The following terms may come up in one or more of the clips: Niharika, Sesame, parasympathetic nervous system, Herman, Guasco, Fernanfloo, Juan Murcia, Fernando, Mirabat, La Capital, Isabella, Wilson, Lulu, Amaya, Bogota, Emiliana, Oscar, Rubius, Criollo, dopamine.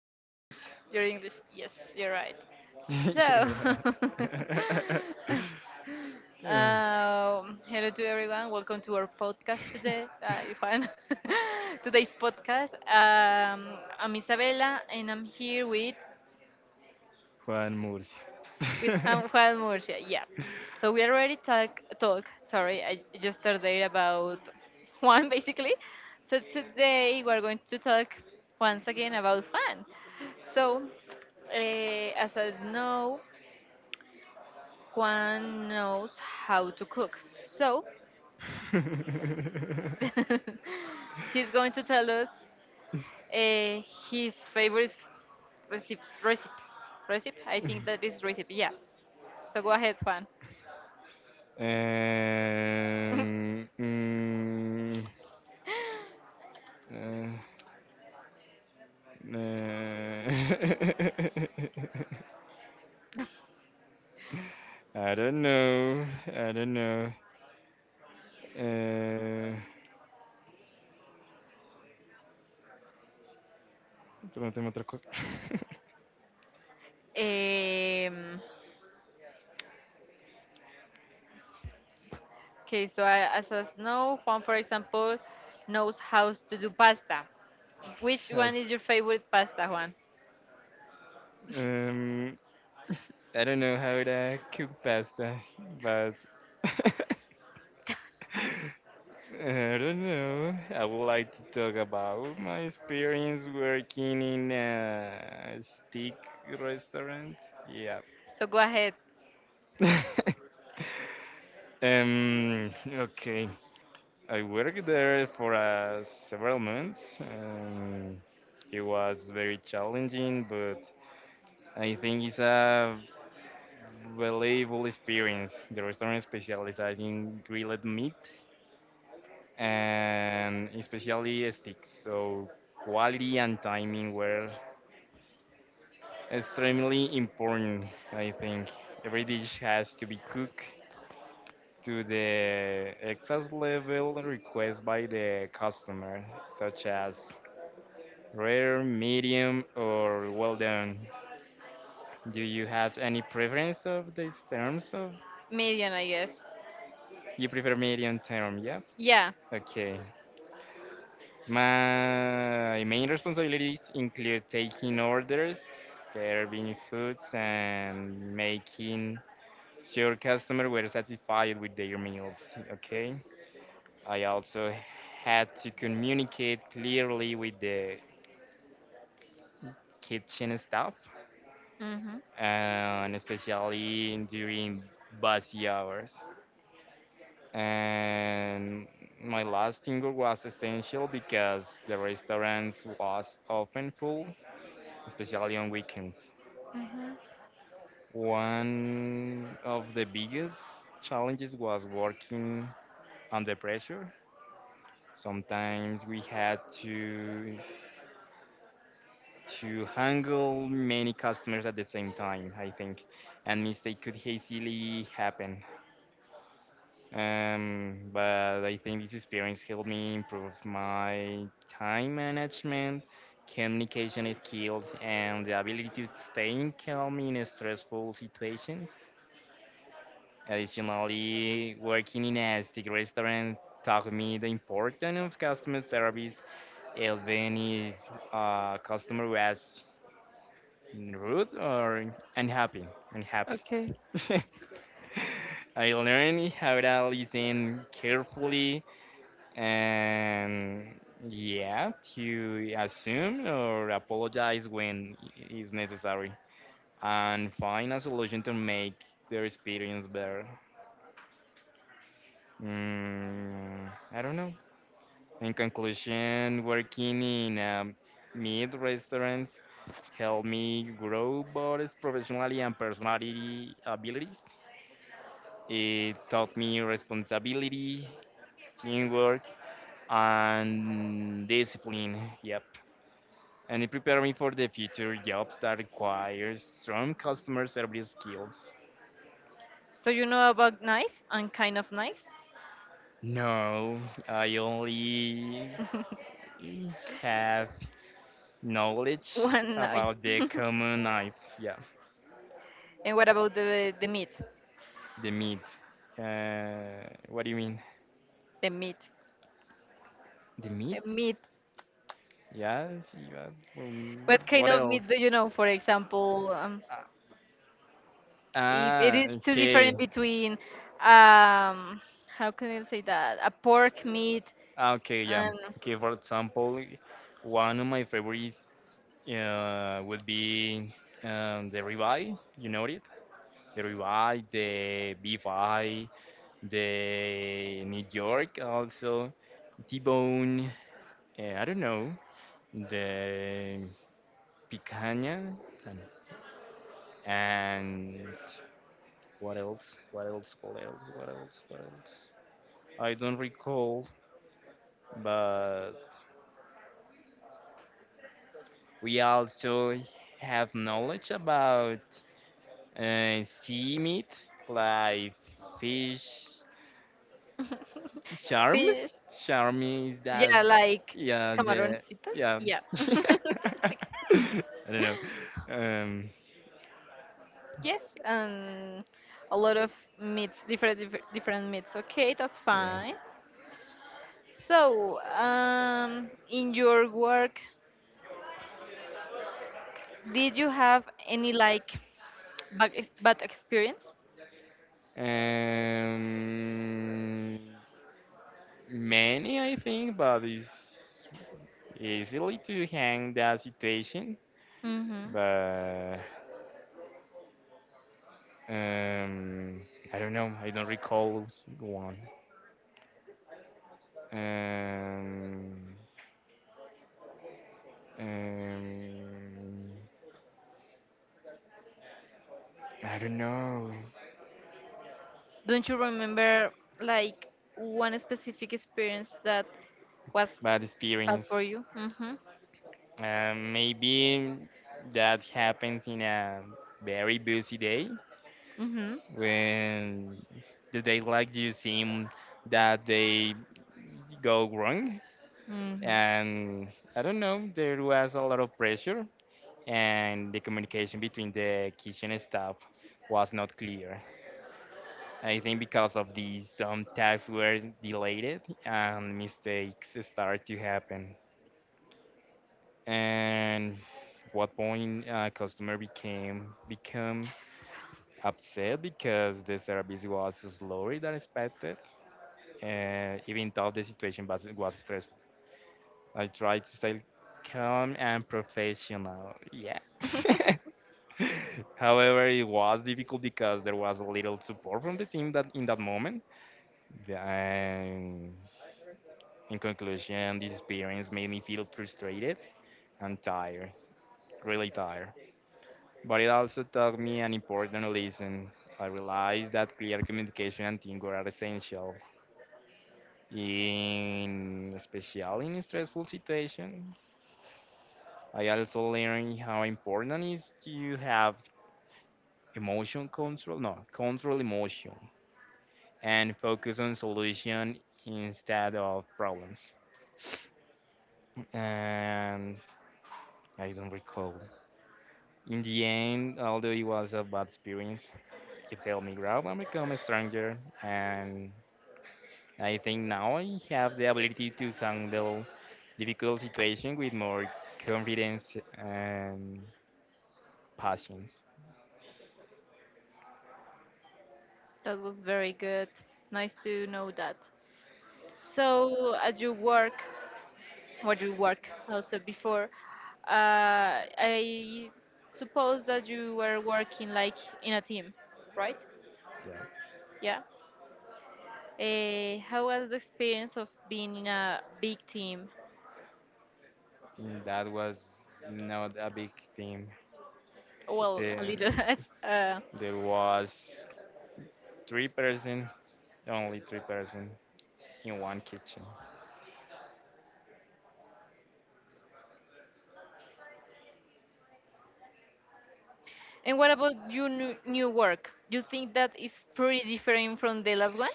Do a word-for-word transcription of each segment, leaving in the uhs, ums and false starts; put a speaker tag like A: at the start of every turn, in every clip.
A: mi inglés.
B: Your English, yes, you're right. So,
A: You're right.
B: um, hello to everyone. Welcome to our podcast today, uh, Juan. Today's podcast. Um, I'm Isabella, and I'm here with
A: Juan Murcia.
B: with Ham- Juan Murcia. Yeah. So we already talk talk. Sorry, I just started about Juan basically. So today we're going to talk once again about Juan. So eh, as I know, Juan knows how to cook. So he's going to tell us uh, his favorite recipe. Recipe. Recipe. I think that is recipe. Yeah. So go ahead, Juan.
A: and, mm, uh, uh, I don't know. I don't know. Uh, pregúntame otra cosa.
B: Um, Okay, so I, as I know, Juan, for example, knows how to do pasta. Which
A: I,
B: one is your favorite pasta, Juan?
A: um, I don't know how to cook pasta, but I don't know. I would like to talk about my experience working in a steak restaurant. Yeah.
B: So go ahead.
A: um. Okay. I worked there for uh, several months. Um, it was very challenging, but I think it's a valuable experience. The restaurant specializes in grilled meat and especially sticks. So quality and timing were extremely important. I think every dish has to be cooked to the exact level requested by the customer, such as rare, medium, or well done. Do you have any preference of these terms? Of
B: Medium, I guess.
A: You prefer medium term? Yeah.
B: Yeah.
A: Okay. My main responsibilities include taking orders, serving foods, and making sure customers were satisfied with their meals. Okay. I also had to communicate clearly with the kitchen staff,
B: Mm-hmm.
A: and especially during busy hours. And my last single was essential because the restaurants was often full, especially on weekends.
B: Mm-hmm.
A: One of the biggest challenges was working under pressure. Sometimes we had to to handle many customers at the same time, I think, and mistake could easily happen. Um, but I think this experience helped me improve my time management, communication skills, and the ability to stay calm in stressful situations. Additionally, working in a steak restaurant taught me the importance of customer service, even if a customer was rude or unhappy. Unhappy.
B: Okay.
A: I learned how to listen carefully and, yeah, to assume or apologize when i- necessary, and find a solution to make their experience better. Mm, I don't know. In conclusion, working in a meat restaurant helped me grow both professionally and personality abilities. It taught me responsibility, teamwork, and discipline. Yep. And it prepared me for the future jobs that require strong customer service skills.
B: So you know about knife and kind of knives?
A: No, I only have knowledge
B: One knife.
A: about the common knives. Yeah,
B: And what about the the meat?
A: the meat. Uh, what do you mean?
B: The meat.
A: The
B: The
A: meat?
B: meat.
A: Yes. Yes. um,
B: What kind
A: What
B: of meat
A: else?
B: do you know? For example, um,
A: Ah,
B: if it
A: ah,
B: is too
A: okay.
B: different between um how can you say that a pork meat
A: Ah, okay, yeah.
B: and
A: Okay, for example, one of my favorites uh, would be um, the ribeye. You know it? The ribeye, the beef eye, the New York also, T-bone. Uh, I don't know. The picanha and, and what else? What else? What else? What else? What else? I don't recall, but we also have knowledge about uh, sea meat like fish, charm.
B: fish,
A: Charm is
B: yeah,
A: that,
B: like
A: yeah, the,
B: camaroncitos,
A: yeah.
B: yeah
A: I don't know. Um,
B: yes, and a lot of meats, different different different meats. Okay, that's fine. So um in your work did you have any like bad, ex- bad experience?
A: yeah. Um, Many, I think, but it's easily to hang that situation.
B: Mm-hmm.
A: But um, I don't know. I don't recall one. Um, um, I don't know.
B: Don't you remember like one specific experience that was
A: Bad
B: bad
A: experience.
B: for you? Mm-hmm.
A: Um, maybe that happens in a very busy day
B: Mm-hmm.
A: when the day like you seem that they go wrong,
B: Mm-hmm.
A: and I don't know, there was a lot of pressure, and the communication between the kitchen staff was not clear. I think because of these, some tasks were delayed and mistakes started to happen. And what point a customer became become upset because the service was slower than expected, uh, even though the situation was was stressful. I try to stay calm and professional. Yeah. However, it was difficult because there was little support from the team that in that moment. The- And in conclusion, this experience made me feel frustrated and tired, really tired. But it also taught me an important lesson. I realized that clear communication and teamwork are essential, in especially in stressful situations. I also learned how important it is to have emotion control, no, control emotion, and focus on solution instead of problems. And I don't recall. In the end, although it was a bad experience, it helped me grow and become a stronger. And I think now I have the ability to handle difficult situations with more confidence and patience.
B: That was very good. Nice to know that. So, at your work, or you work also before, uh, I suppose that you were working like in a team, right?
A: Yeah.
B: Yeah. Uh, how was the experience of being in a big team?
A: Mm, That was not a big team.
B: Well,
A: The,
B: a little, uh,
A: there was three person, only three person in one kitchen.
B: and what about your new, new work? You think that is pretty different from the last one?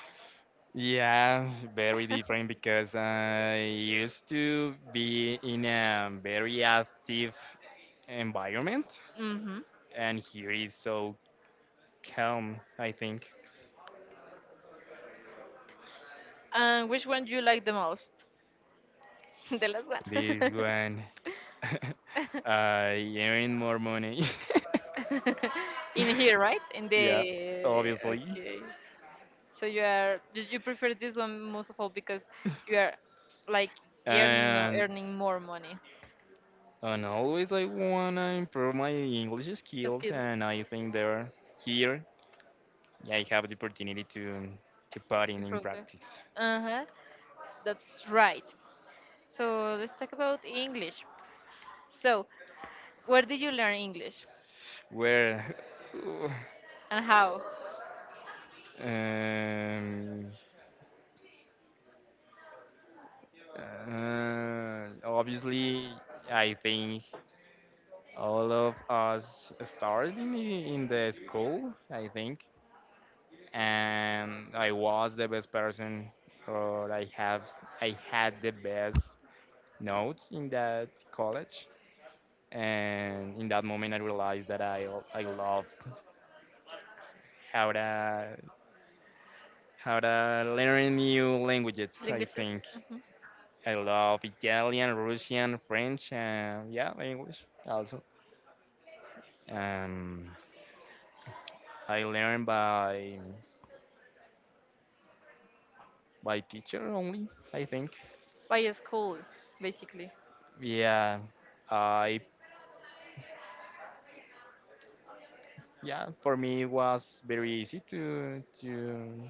A: Yeah, very different because I used to be in a very active environment,
B: Mm-hmm.
A: and here is so calm, I think.
B: And which one do you like the most? The last
A: This
B: one.
A: one, I earn more money.
B: In here, right? In the
A: Yeah, obviously,
B: okay. So you are you you prefer this one most of all because you are like earning or
A: and
B: earning more money.
A: And always I wanna improve my English skills,
B: Skills
A: and I think there here I have the opportunity to to put in in
B: improve there.
A: practice.
B: Uh huh. That's right. So let's talk about English. So where did you learn English
A: Where?
B: and how?
A: um, uh, Obviously, I think all of us started in the, in the school, I think, and I was the best person, or I have I had the best notes in that college, and in that moment I realized that I I love how to how to learn new languages. I
B: Languages?
A: think
B: Mhm.
A: I love Italian, Russian, French, and, yeah, English also. Um, I learn by by teacher only, I think.
B: By a school, basically.
A: Yeah, I, yeah, for me it was very easy to to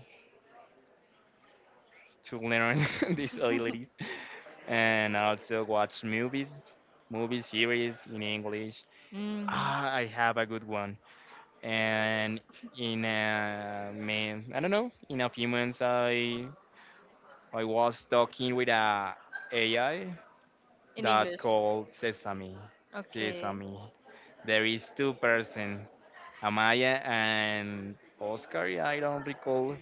A: to learn these abilities, and also watch movies, movie series in English.
B: Mm,
A: Ah, I have a good one. And in a man, I don't know, in a few months, I I was talking with a AI
B: In
A: that
B: English.
A: called Sesame.
B: Okay.
A: Sesame. There is two person, Amaya and Oscar. Yeah, I don't recall.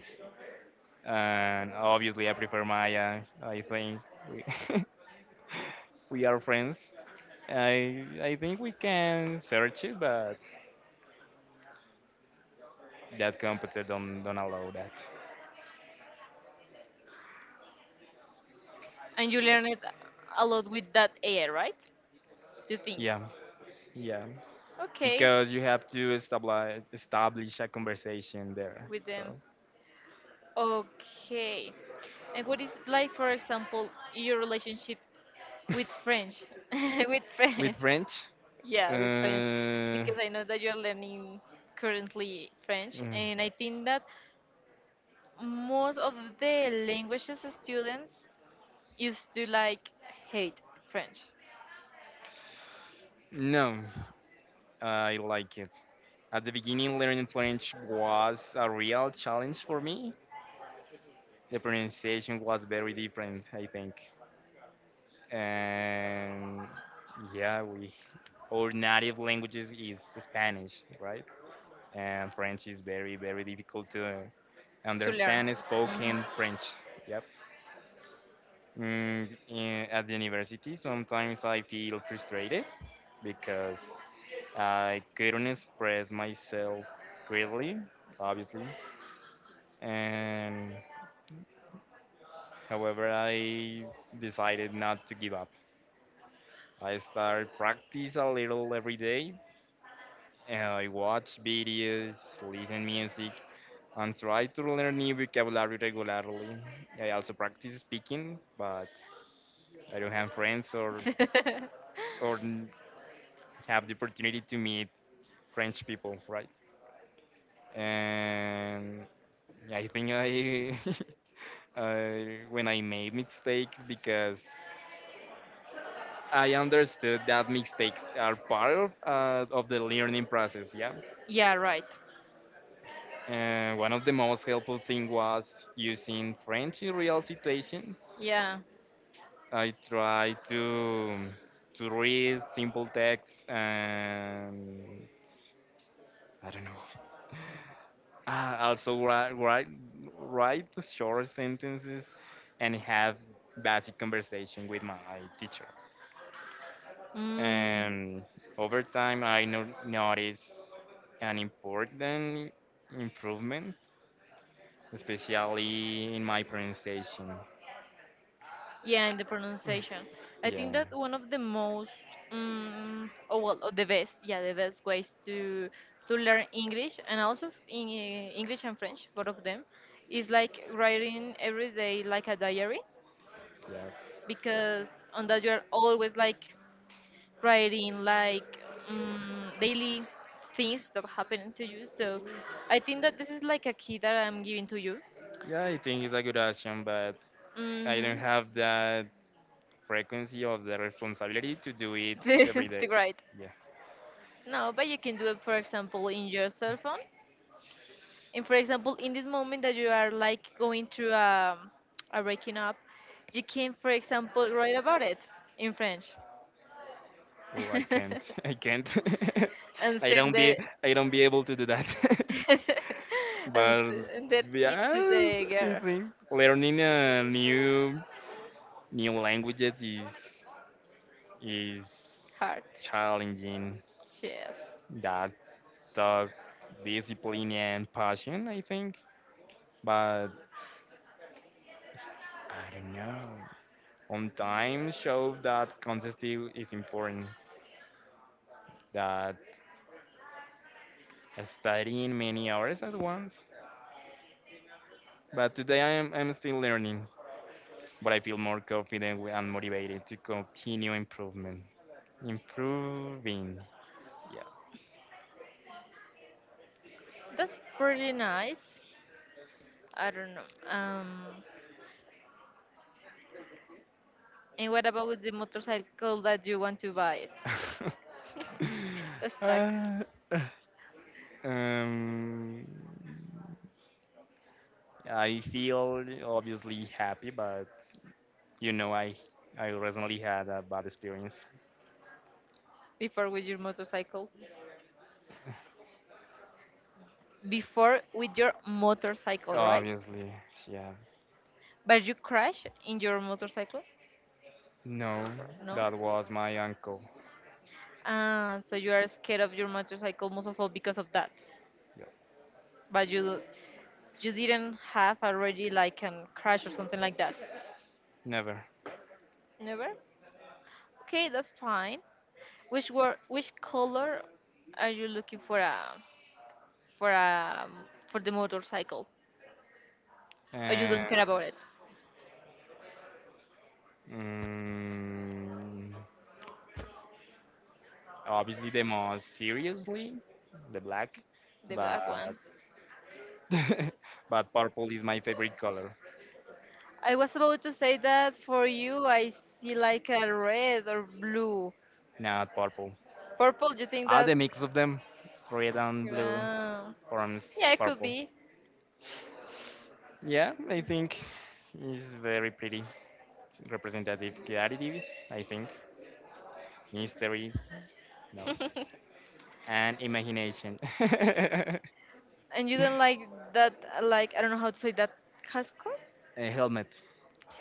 A: And obviously, I prefer Maya. I think we we are friends. I I think we can search it, but that computer don't don't allow that.
B: And you learn it a lot with that A I, right? You think?
A: Yeah. Yeah,
B: Okay,
A: because you have to establish establish a conversation there.
B: with them.
A: So
B: Okay. And what is it like, for example, your relationship with French? With
A: with
B: French.
A: French, uh,
B: Yeah, with French. Because I know that you're learning currently French,
A: mm,
B: and I think that most of the languages students used to like hate French
A: no, I like it. At the beginning, learning French was a real challenge for me. The pronunciation was very different, I think, and, yeah, we our native languages is Spanish, right? And French is very, very difficult to
B: to learn.
A: understand
B: Mhm.
A: spoken French. Yep. Mm, in, at the university, sometimes I feel frustrated because I couldn't express myself clearly, obviously. And however, I decided not to give up. I start practice a little every day. And I watch videos, listen music, and try to learn new vocabulary regularly. I also practice speaking, but I don't have friends or or n- have the opportunity to meet French people, right? And, yeah, I think I, I when I made mistakes because I understood that mistakes are part of, uh, of the learning process. Yeah,
B: Yeah, right.
A: and one of the most helpful thing was using French in real situations.
B: Yeah.
A: I try to to read simple texts, and I don't know. Uh, also write, write write the short sentences and have basic conversation with my teacher.
B: Mm.
A: And over time, I no- noticed an important improvement, especially in my pronunciation.
B: Yeah, and the pronunciation. I think
A: Yeah,
B: that one of the most, mm oh, well, oh, the best, yeah, the best ways to to learn English and also in English and French, both of them, is like writing every day like a diary.
A: yeah,
B: Because on that you are always like writing like, um, daily things that happen to you. So I think that this is like a key that I'm giving to you.
A: yeah. I think it's a good action, but I don't
B: Hmm.
A: have that frequency of the responsibility to do it
B: to,
A: every day.
B: to write.
A: Yeah.
B: No, but you can do it, for example, in your cell phone. And for example, in this moment that you are like going through a, a breaking up, you can, for example, write about it in French
A: Oh, I can't. I can't.
B: and
A: I
B: send
A: don't be.
B: it
A: I don't be able to do that.
B: and,
A: But,
B: s- and that it's
A: yeah,
B: the
A: I
B: girl
A: think learning a new new languages is is
B: heart.
A: challenging.
B: Yes,
A: That took discipline and passion, I think. But I don't know. On time show that consistency is important. That studying many hours at once. But today I am I'm still learning, but I feel more confident wi- and motivated to continue improvement. Improving, yeah.
B: that's pretty nice. I don't know. Um, and what about the motorcycle that you want to buy it? Stuck
A: Uh, um, I feel obviously happy, but, you know, I I recently had a bad experience.
B: before with your motorcycle. Before with your motorcycle, right?
A: Obviously, yeah.
B: But you crash in your motorcycle?
A: No,
B: No.
A: that was my uncle.
B: Ah, so you are scared of your motorcycle most of all because of that.
A: Yeah.
B: But you you didn't have already like an crash or something like that.
A: Never.
B: Never? Okay, that's fine. Which were which color are you looking for a for a for the motorcycle? Or you
A: And.
B: don't care about it,
A: mm, Obviously the most seriously, the black,
B: the
A: but
B: black one.
A: but purple is my favorite color.
B: I was about to say that for you, I see like a red or blue,
A: Not purple.
B: purple. You think
A: Ah,
B: that?
A: the mix of them, red and blue
B: Yeah,
A: forms
B: yeah, it could
A: purple.
B: be.
A: Yeah, I think it's very pretty. Representative qualities, I think. History, no, and imagination.
B: And you don't like that? uh, Like I don't know how to say that, cascos.
A: A helmet,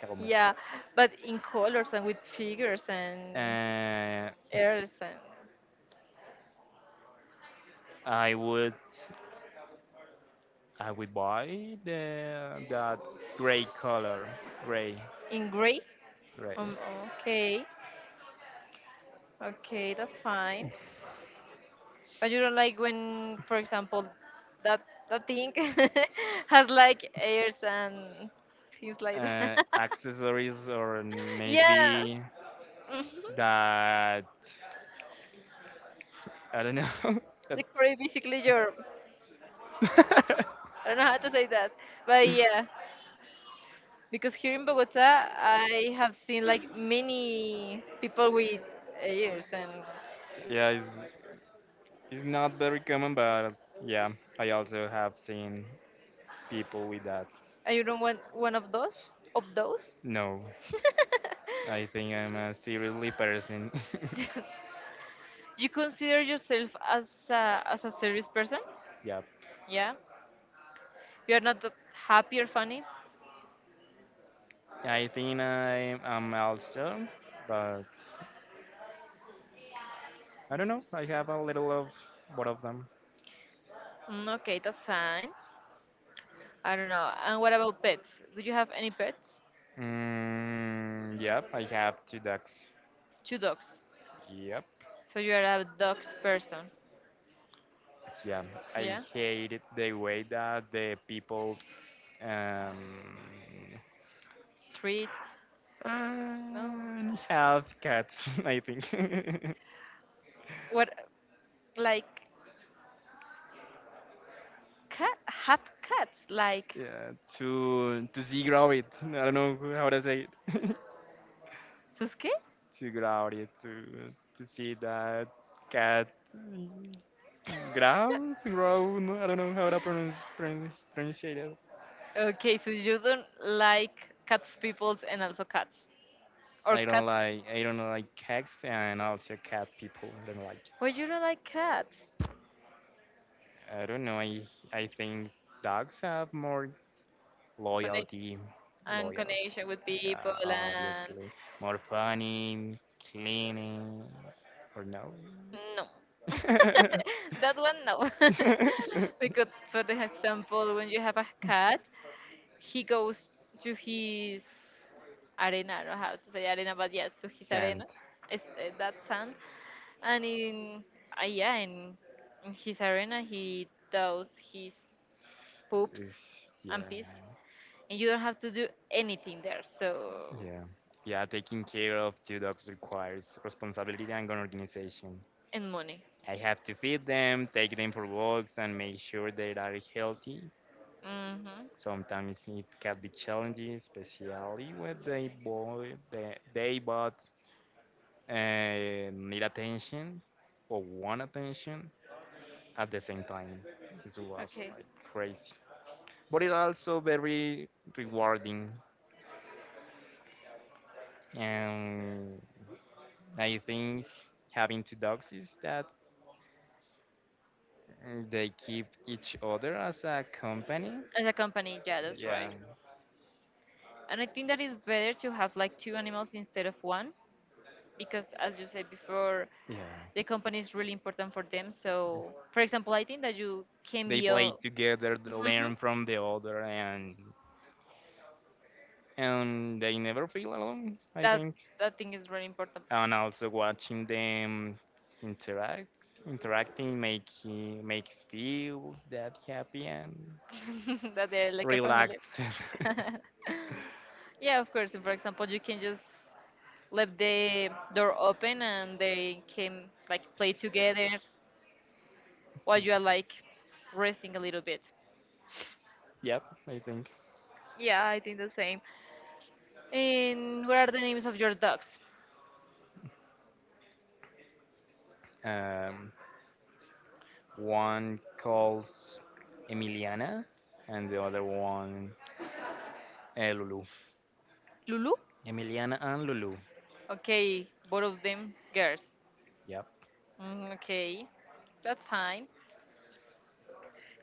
A: helmet.
B: Yeah, but in colors and with figures and
A: Uh,
B: airs, and
A: I would I will buy the that gray color, gray,
B: in gray.
A: gray.
B: Um, okay, okay, that's fine. But you don't like when, for example, that that thing has like airs and things like that.
A: Uh, accessories or
B: Yeah.
A: maybe
B: Mhm.
A: that I don't know. that-
B: The Korea basically your, I don't know how to say that, but yeah, because here in Bogota I have seen like many people with ears, and
A: Yeah, it's it's not very common, but, yeah, I also have seen people with that.
B: and you don't want one of those of those.
A: No, I think I'm a seriously person.
B: You consider yourself as a, as a serious person?
A: Yeah,
B: Yeah, you're not that happy or funny?
A: I think I am also, but I don't know. I have a little of both of them.
B: mm, okay, that's fine. I don't know, and what about pets, do you have any pets?
A: Mm, yep, I have two ducks.
B: Two dogs.
A: Yep,
B: So you're a dogs person?
A: yeah. I
B: Yeah.
A: hate the way that the people um
B: Treat. No.
A: and have cats. I think.
B: What, like cat? Have cats like
A: Yeah, to to see grow it. I don't know how to say it.
B: suske?
A: To grow it. To to see that cat grow grow. No, I don't know how to pronounce pronounce pronunciate it.
B: Okay, so you don't like cats peoples, and also cats or
A: I don't
B: cats?
A: like I don't like cats and also cat people. I don't like.
B: Well, you don't like cats.
A: I don't know. I I think dogs have more
B: Connect
A: loyalty,
B: and
A: loyalty.
B: connection with
A: Yeah,
B: people, and
A: obviously more funny, cleaning, or no?
B: no. That one no. Because for the example when you have a cat, he goes to his arena, I don't know how to say arena, but yeah, to his arena.
A: Scent.
B: It's, uh, that sand. And in uh, yeah, in, in his arena he does his poops
A: Ish.
B: and
A: Yeah,
B: pees, and you don't have to do anything there, so
A: yeah, yeah. Taking care of two dogs requires responsibility and organization.
B: and money.
A: I have to feed them, take them for walks, and make sure they are healthy.
B: Hmm.
A: Sometimes it can be challenging, especially when they both they, they both uh, need attention or want attention at the same time. It was
B: Okay.
A: like crazy, but it's also very rewarding. And I think having two dogs is that, uh, they keep each other as a company.
B: As a company, yeah, that's
A: Yeah,
B: right. And I think that it's better to have like two animals instead of one, because, as you said before, the
A: yeah.
B: company is really important for them. So, for example, I think that you can
A: They
B: be a...
A: play together, they
B: Mhm.
A: learn from the other, and and they never feel alone, I
B: that
A: think.
B: that thing is really important.
A: And also watching them interact interacting make makes feels that happy and
B: That they're like a family.
A: relaxed.
B: Yeah, of course. And for example, you can just leave the door open and they can like play together while you are like resting a little bit.
A: Yep, I think.
B: Yeah, I think the same. And what are the names of your dogs?
A: um, One calls Emiliana and the other one, eh, Lulu.
B: Lulu?
A: Emiliana and Lulu.
B: Okay, both of them girls.
A: Yep.
B: Mm, okay, that's fine.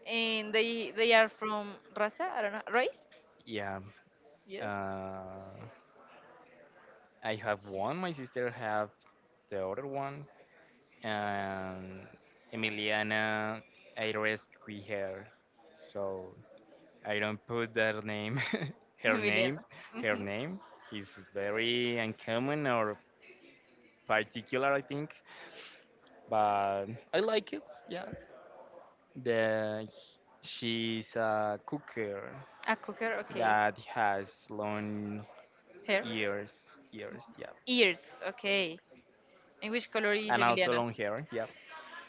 B: And they they are from Raza? I don't know. Race?
A: yeah
B: Yes.
A: uh, I have one, my sister have the other one. And Emiliana, I rescue her. So I don't put their name. her
B: Emiliana.
A: name, Her
B: Hmm.
A: name is very uncommon or particular, I think. But I like it. Yeah. The She's a cooker
B: A cocker? Okay.
A: that has long
B: Hair?
A: ears, ears. Yeah,
B: Ears? Okay. And which color is
A: and also
B: Emiliana?
A: long hair. Yeah.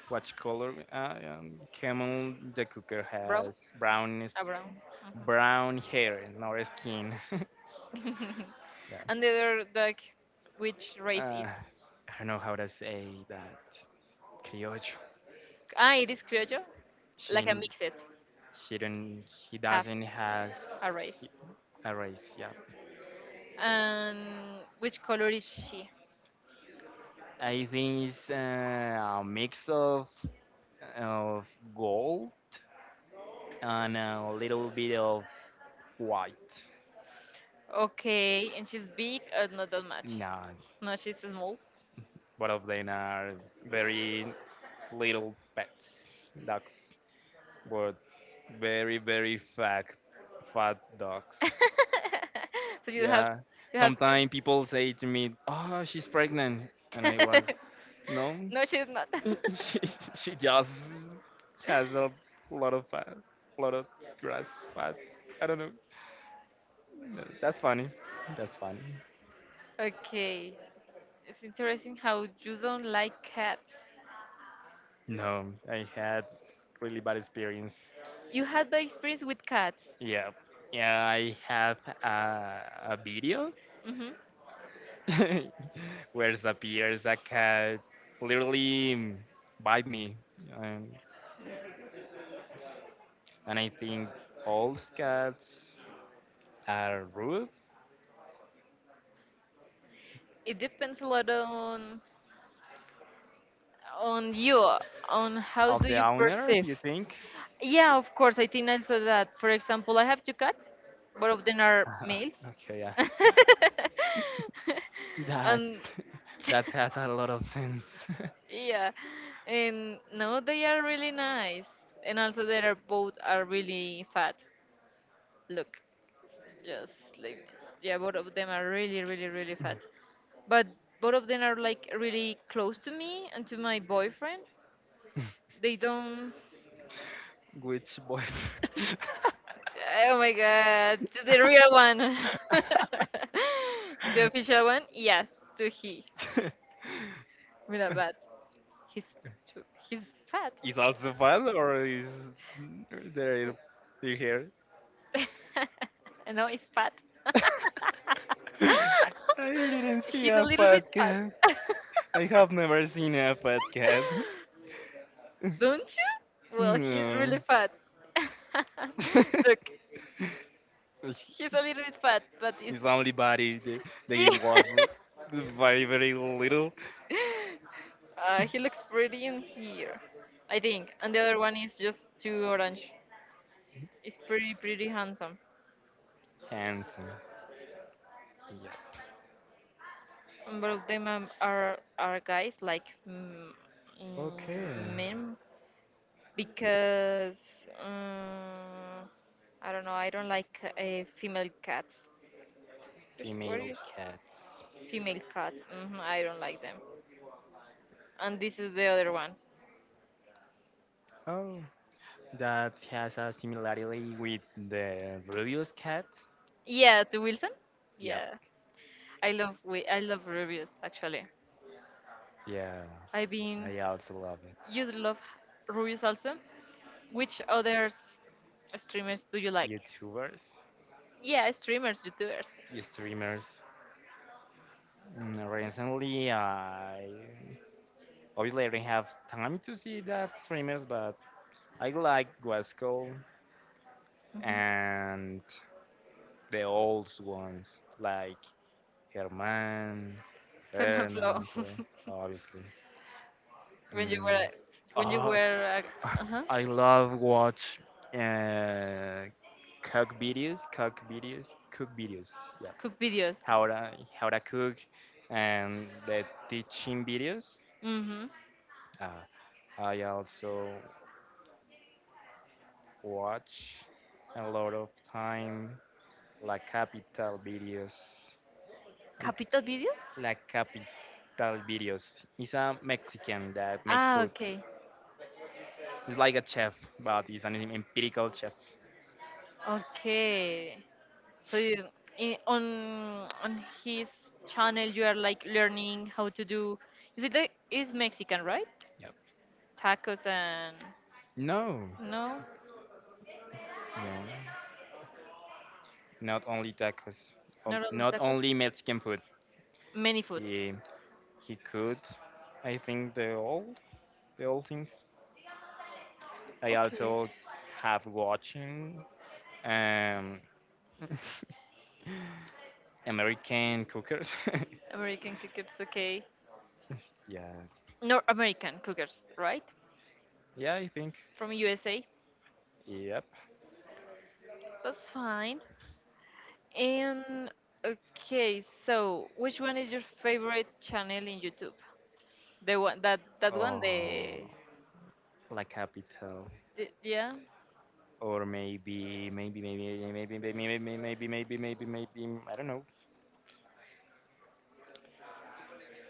A: What color? Uh, um, camel. The cooker
B: Brown?
A: has brown
B: A brown.
A: brown hair, more skin.
B: Hmm.
A: Yeah.
B: And the other dog, which race
A: uh,
B: is?
A: I don't know how to say that. Criollo.
B: Ah, it is Criollo? Like a
A: She,
B: mixed
A: she don't, He
B: half,
A: doesn't has
B: a race.
A: a race. Yeah.
B: And which color is she?
A: I think it's uh, a mix of of gold and a little bit of white.
B: Okay, and she's big or not that much?
A: No,
B: No, she's small.
A: both of them are very little pets, dogs, but very very fat fat dogs.
B: So you have
A: Yeah.
B: you have
A: Sometimes people say to me, "Oh, she's pregnant," and
B: two.
A: I was, "No,
B: No, she's not.
A: she she just has a lot of fat, a lot of grass fat." I don't know. No, that's funny. That's funny.
B: Okay, it's interesting how you don't like cats.
A: No, I had really bad experience.
B: You had bad experience with cats.
A: Yeah, yeah. I have a, a video
B: Hmm.
A: where appears a cat literally bite me, and and I think all cats are rude
B: It depends a lot on on you, on how
A: of
B: do
A: the
B: you
A: owner.
B: perceive.
A: You think?
B: Yeah, of course. I think also that, for example, I have two cats, both of them are males.
A: Okay, yeah.
B: And
A: That's that has a lot of sense.
B: yeah, and no, they are really nice. And also, they are both are really fat. Look, just like, yeah, both of them are really, really, really fat. But both of them are like really close to me and to my boyfriend. They don't.
A: Which boy?
B: Oh my god, to the real one. The official one? Yeah, to he. Mirabat. He's too, he's fat.
A: Is also fun, or is there
B: Oh.
A: you hear?
B: No, he's fat.
A: I didn't see
B: He's a
A: a
B: little bit fat.
A: podcast. I have never seen a podcast.
B: Don't you? Well, he's
A: No.
B: really fat. Look, he's a little bit fat, but he's.
A: His only body th- that he
B: Yeah.
A: was very very little
B: Uh, he looks pretty in here, I think. And the other one is just too orange. It's pretty, pretty handsome.
A: handsome. Yeah.
B: And both of them um, are are guys like, mm,
A: Okay.
B: mm, men, because uh, I don't know. I don't like uh, female cats. Which- What
A: Female
B: is
A: cats.
B: female cats? Hmm. I don't like them. And this is the other one.
A: Oh, that has a similarity with the previous cat.
B: Yeah, to Wilson.
A: Yep.
B: Yeah, I love Wi- I love reviews, actually.
A: Yeah.
B: I've been.
A: I also love it.
B: You love Rubius also. Which others streamers do you like?
A: YouTubers,
B: Yeah, streamers, YouTubers.
A: streamers. Mm, Recently, I obviously I didn't have time to see that streamers, but I like Guasco
B: Mhm.
A: and the old ones like Herman,
B: Fernanfloo.
A: Fernando, obviously.
B: when you
A: Mm.
B: were when you
A: Oh,
B: were uh, uh-huh.
A: I love watch uh, cook videos, cook videos, cook videos. Yeah,
B: Cook videos.
A: how to how to cook and the teaching videos.
B: Mhm.
A: Uh, I also watch a lot of time La Capital videos. It's
B: Capital videos?
A: La Capital Videos. He's a Mexican that make
B: Ah,
A: food.
B: okay.
A: He's like a chef, but he's an empirical chef.
B: Okay. So you, in, on on his channel, you are like learning how to do. Is it like, is Mexican, right?
A: Yep.
B: Tacos and
A: No,
B: no.
A: no, not only tacos, um,
B: Not all the
A: not only Mexican food.
B: many food.
A: He he could, I think the old the old things. I
B: Okay.
A: also have watching um American cookers.
B: American cookers, okay.
A: Yeah.
B: North American cookers, right?
A: Yeah, I think.
B: From U S A.
A: Yep.
B: That's fine. And okay, so which one is your favorite channel in YouTube? The one that that one
A: Oh,
B: the,
A: La Capital.
B: the yeah.
A: Or maybe maybe maybe maybe maybe maybe maybe maybe maybe maybe I don't know.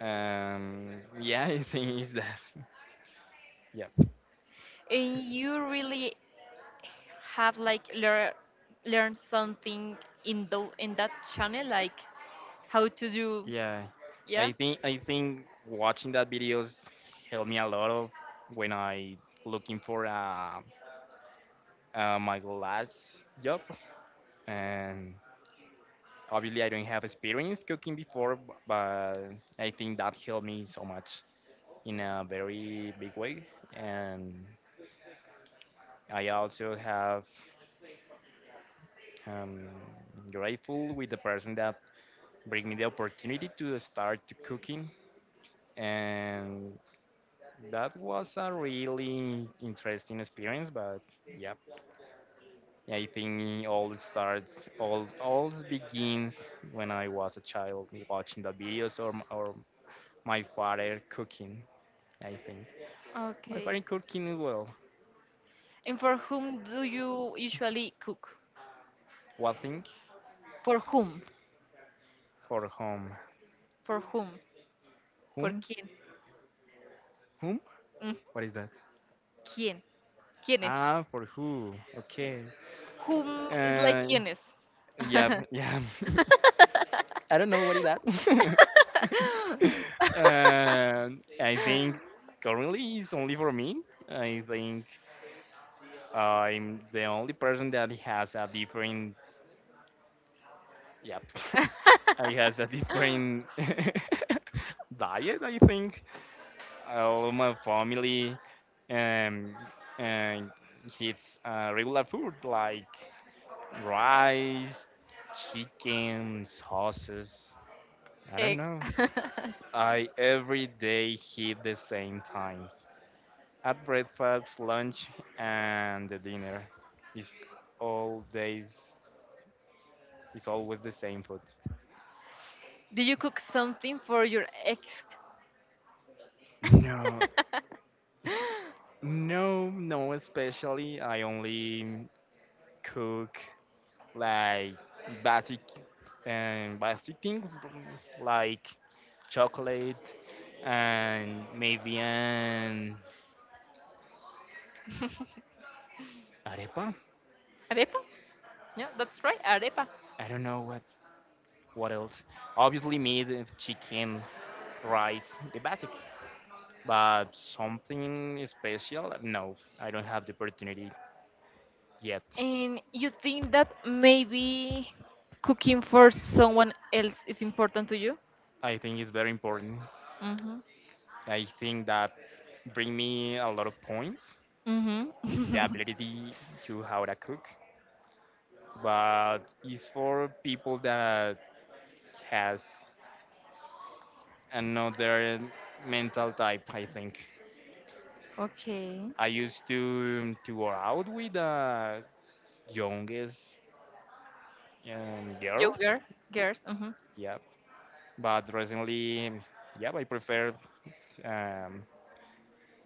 A: Um, yeah, I think it's that. Yep.
B: And you really have like learn learn something in the in that channel, like how to do
A: Yeah,
B: yeah.
A: I think I think watching that videos helped me a lot of when I looking for uh, uh my last job and obviously I don't have experience cooking before b- but I think that helped me so much in a very big way, and I also have I'm grateful with the person that bring me the opportunity to start cooking, and that was a really interesting experience but yeah, I think it all starts all all begins when I was a child watching the videos or, or my father cooking, I think. My
B: Okay.
A: father cooking as well.
B: And for whom do you usually cook?
A: What thing?
B: For whom?
A: For whom?
B: For whom? Por
A: Whom?
B: quién?
A: Whom?
B: Mm,
A: What is that?
B: ¿Quién? ¿Quiénes?
A: Ah, for who, okay.
B: Whom is like
A: uh,
B: quiénes.
A: Yeah, yeah. I don't know what is that. um, I think currently it's only for me. I think I'm the only person that has a different. Yep. I has a different diet. I think all my family um, and eats uh, regular food like rice, chicken, sauces. I don't
B: Egg.
A: know. I every day hit the same times. At breakfast, lunch, and the dinner. It's all days. It's always the same food.
B: Do you cook something for your ex?
A: No, no, no. Especially, I only cook like basic and basic things like chocolate and maybe an arepa.
B: Arepa? Yeah, that's right, arepa.
A: I don't know what what else. Obviously, meat and chicken, right, the basic but something special, no, I don't have the opportunity yet.
B: And you think that maybe cooking for someone else is important to you?
A: I think it's very important.
B: Mm-hmm.
A: I think that bring me a lot of points,
B: Mm-hmm.
A: the ability to how to cook, but it's for people that has another mental type, I think.
B: Okay.
A: I used to to go out with the youngest um, girls,
B: Younger girls. Mm-hmm.
A: yeah, but recently, yeah, I prefer um,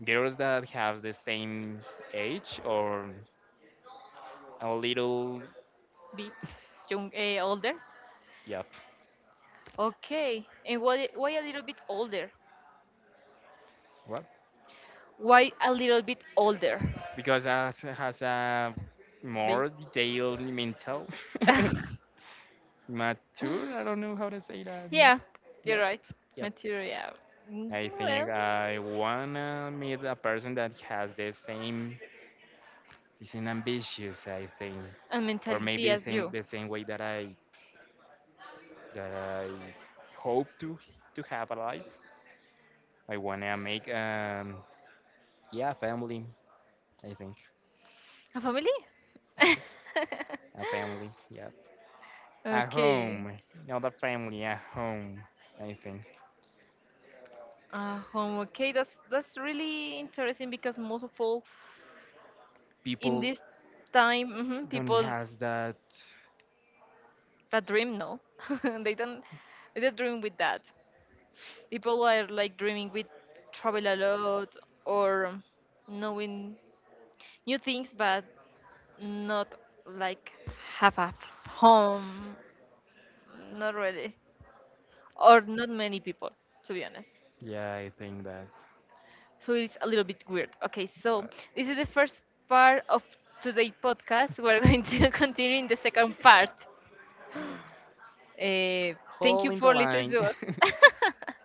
A: girls that have the same age or a little.
B: Bit young, eh, older.
A: Yep.
B: Okay. And why why a little bit older?
A: What?
B: Why a little bit older?
A: Because that has a
B: They.
A: more detailed mental mature, I don't know how to say that.
B: Yeah, you're
A: Yep.
B: right.
A: Yep.
B: Material. Mm,
A: I think
B: Well,
A: I wanna meet a person that has the same the same ambitious, I think.
B: and
A: Or
B: mentality
A: maybe the
B: as
A: same
B: you.
A: the same way that i that I hope to to have a life. I wanna make um yeah, family, I think.
B: A family?
A: A family, yeah. A
B: Okay.
A: home, not a family, a home, I think.
B: Uh, home. Okay, that's that's really interesting, because most of all, in
A: People
B: this time, hmm
A: don't
B: people
A: has that.
B: that dream, no, they don't they don't dream with that. People are like dreaming with travel a lot or knowing new things, but not like have a home, not really, or not many people, to be honest.
A: Yeah, I think that.
B: So it's a little bit weird. Okay, so
A: But
B: this is the first part of today's podcast. We're going to continue in the second part. Uh, thank
A: hole
B: you
A: in the
B: for listening
A: line.
B: to us.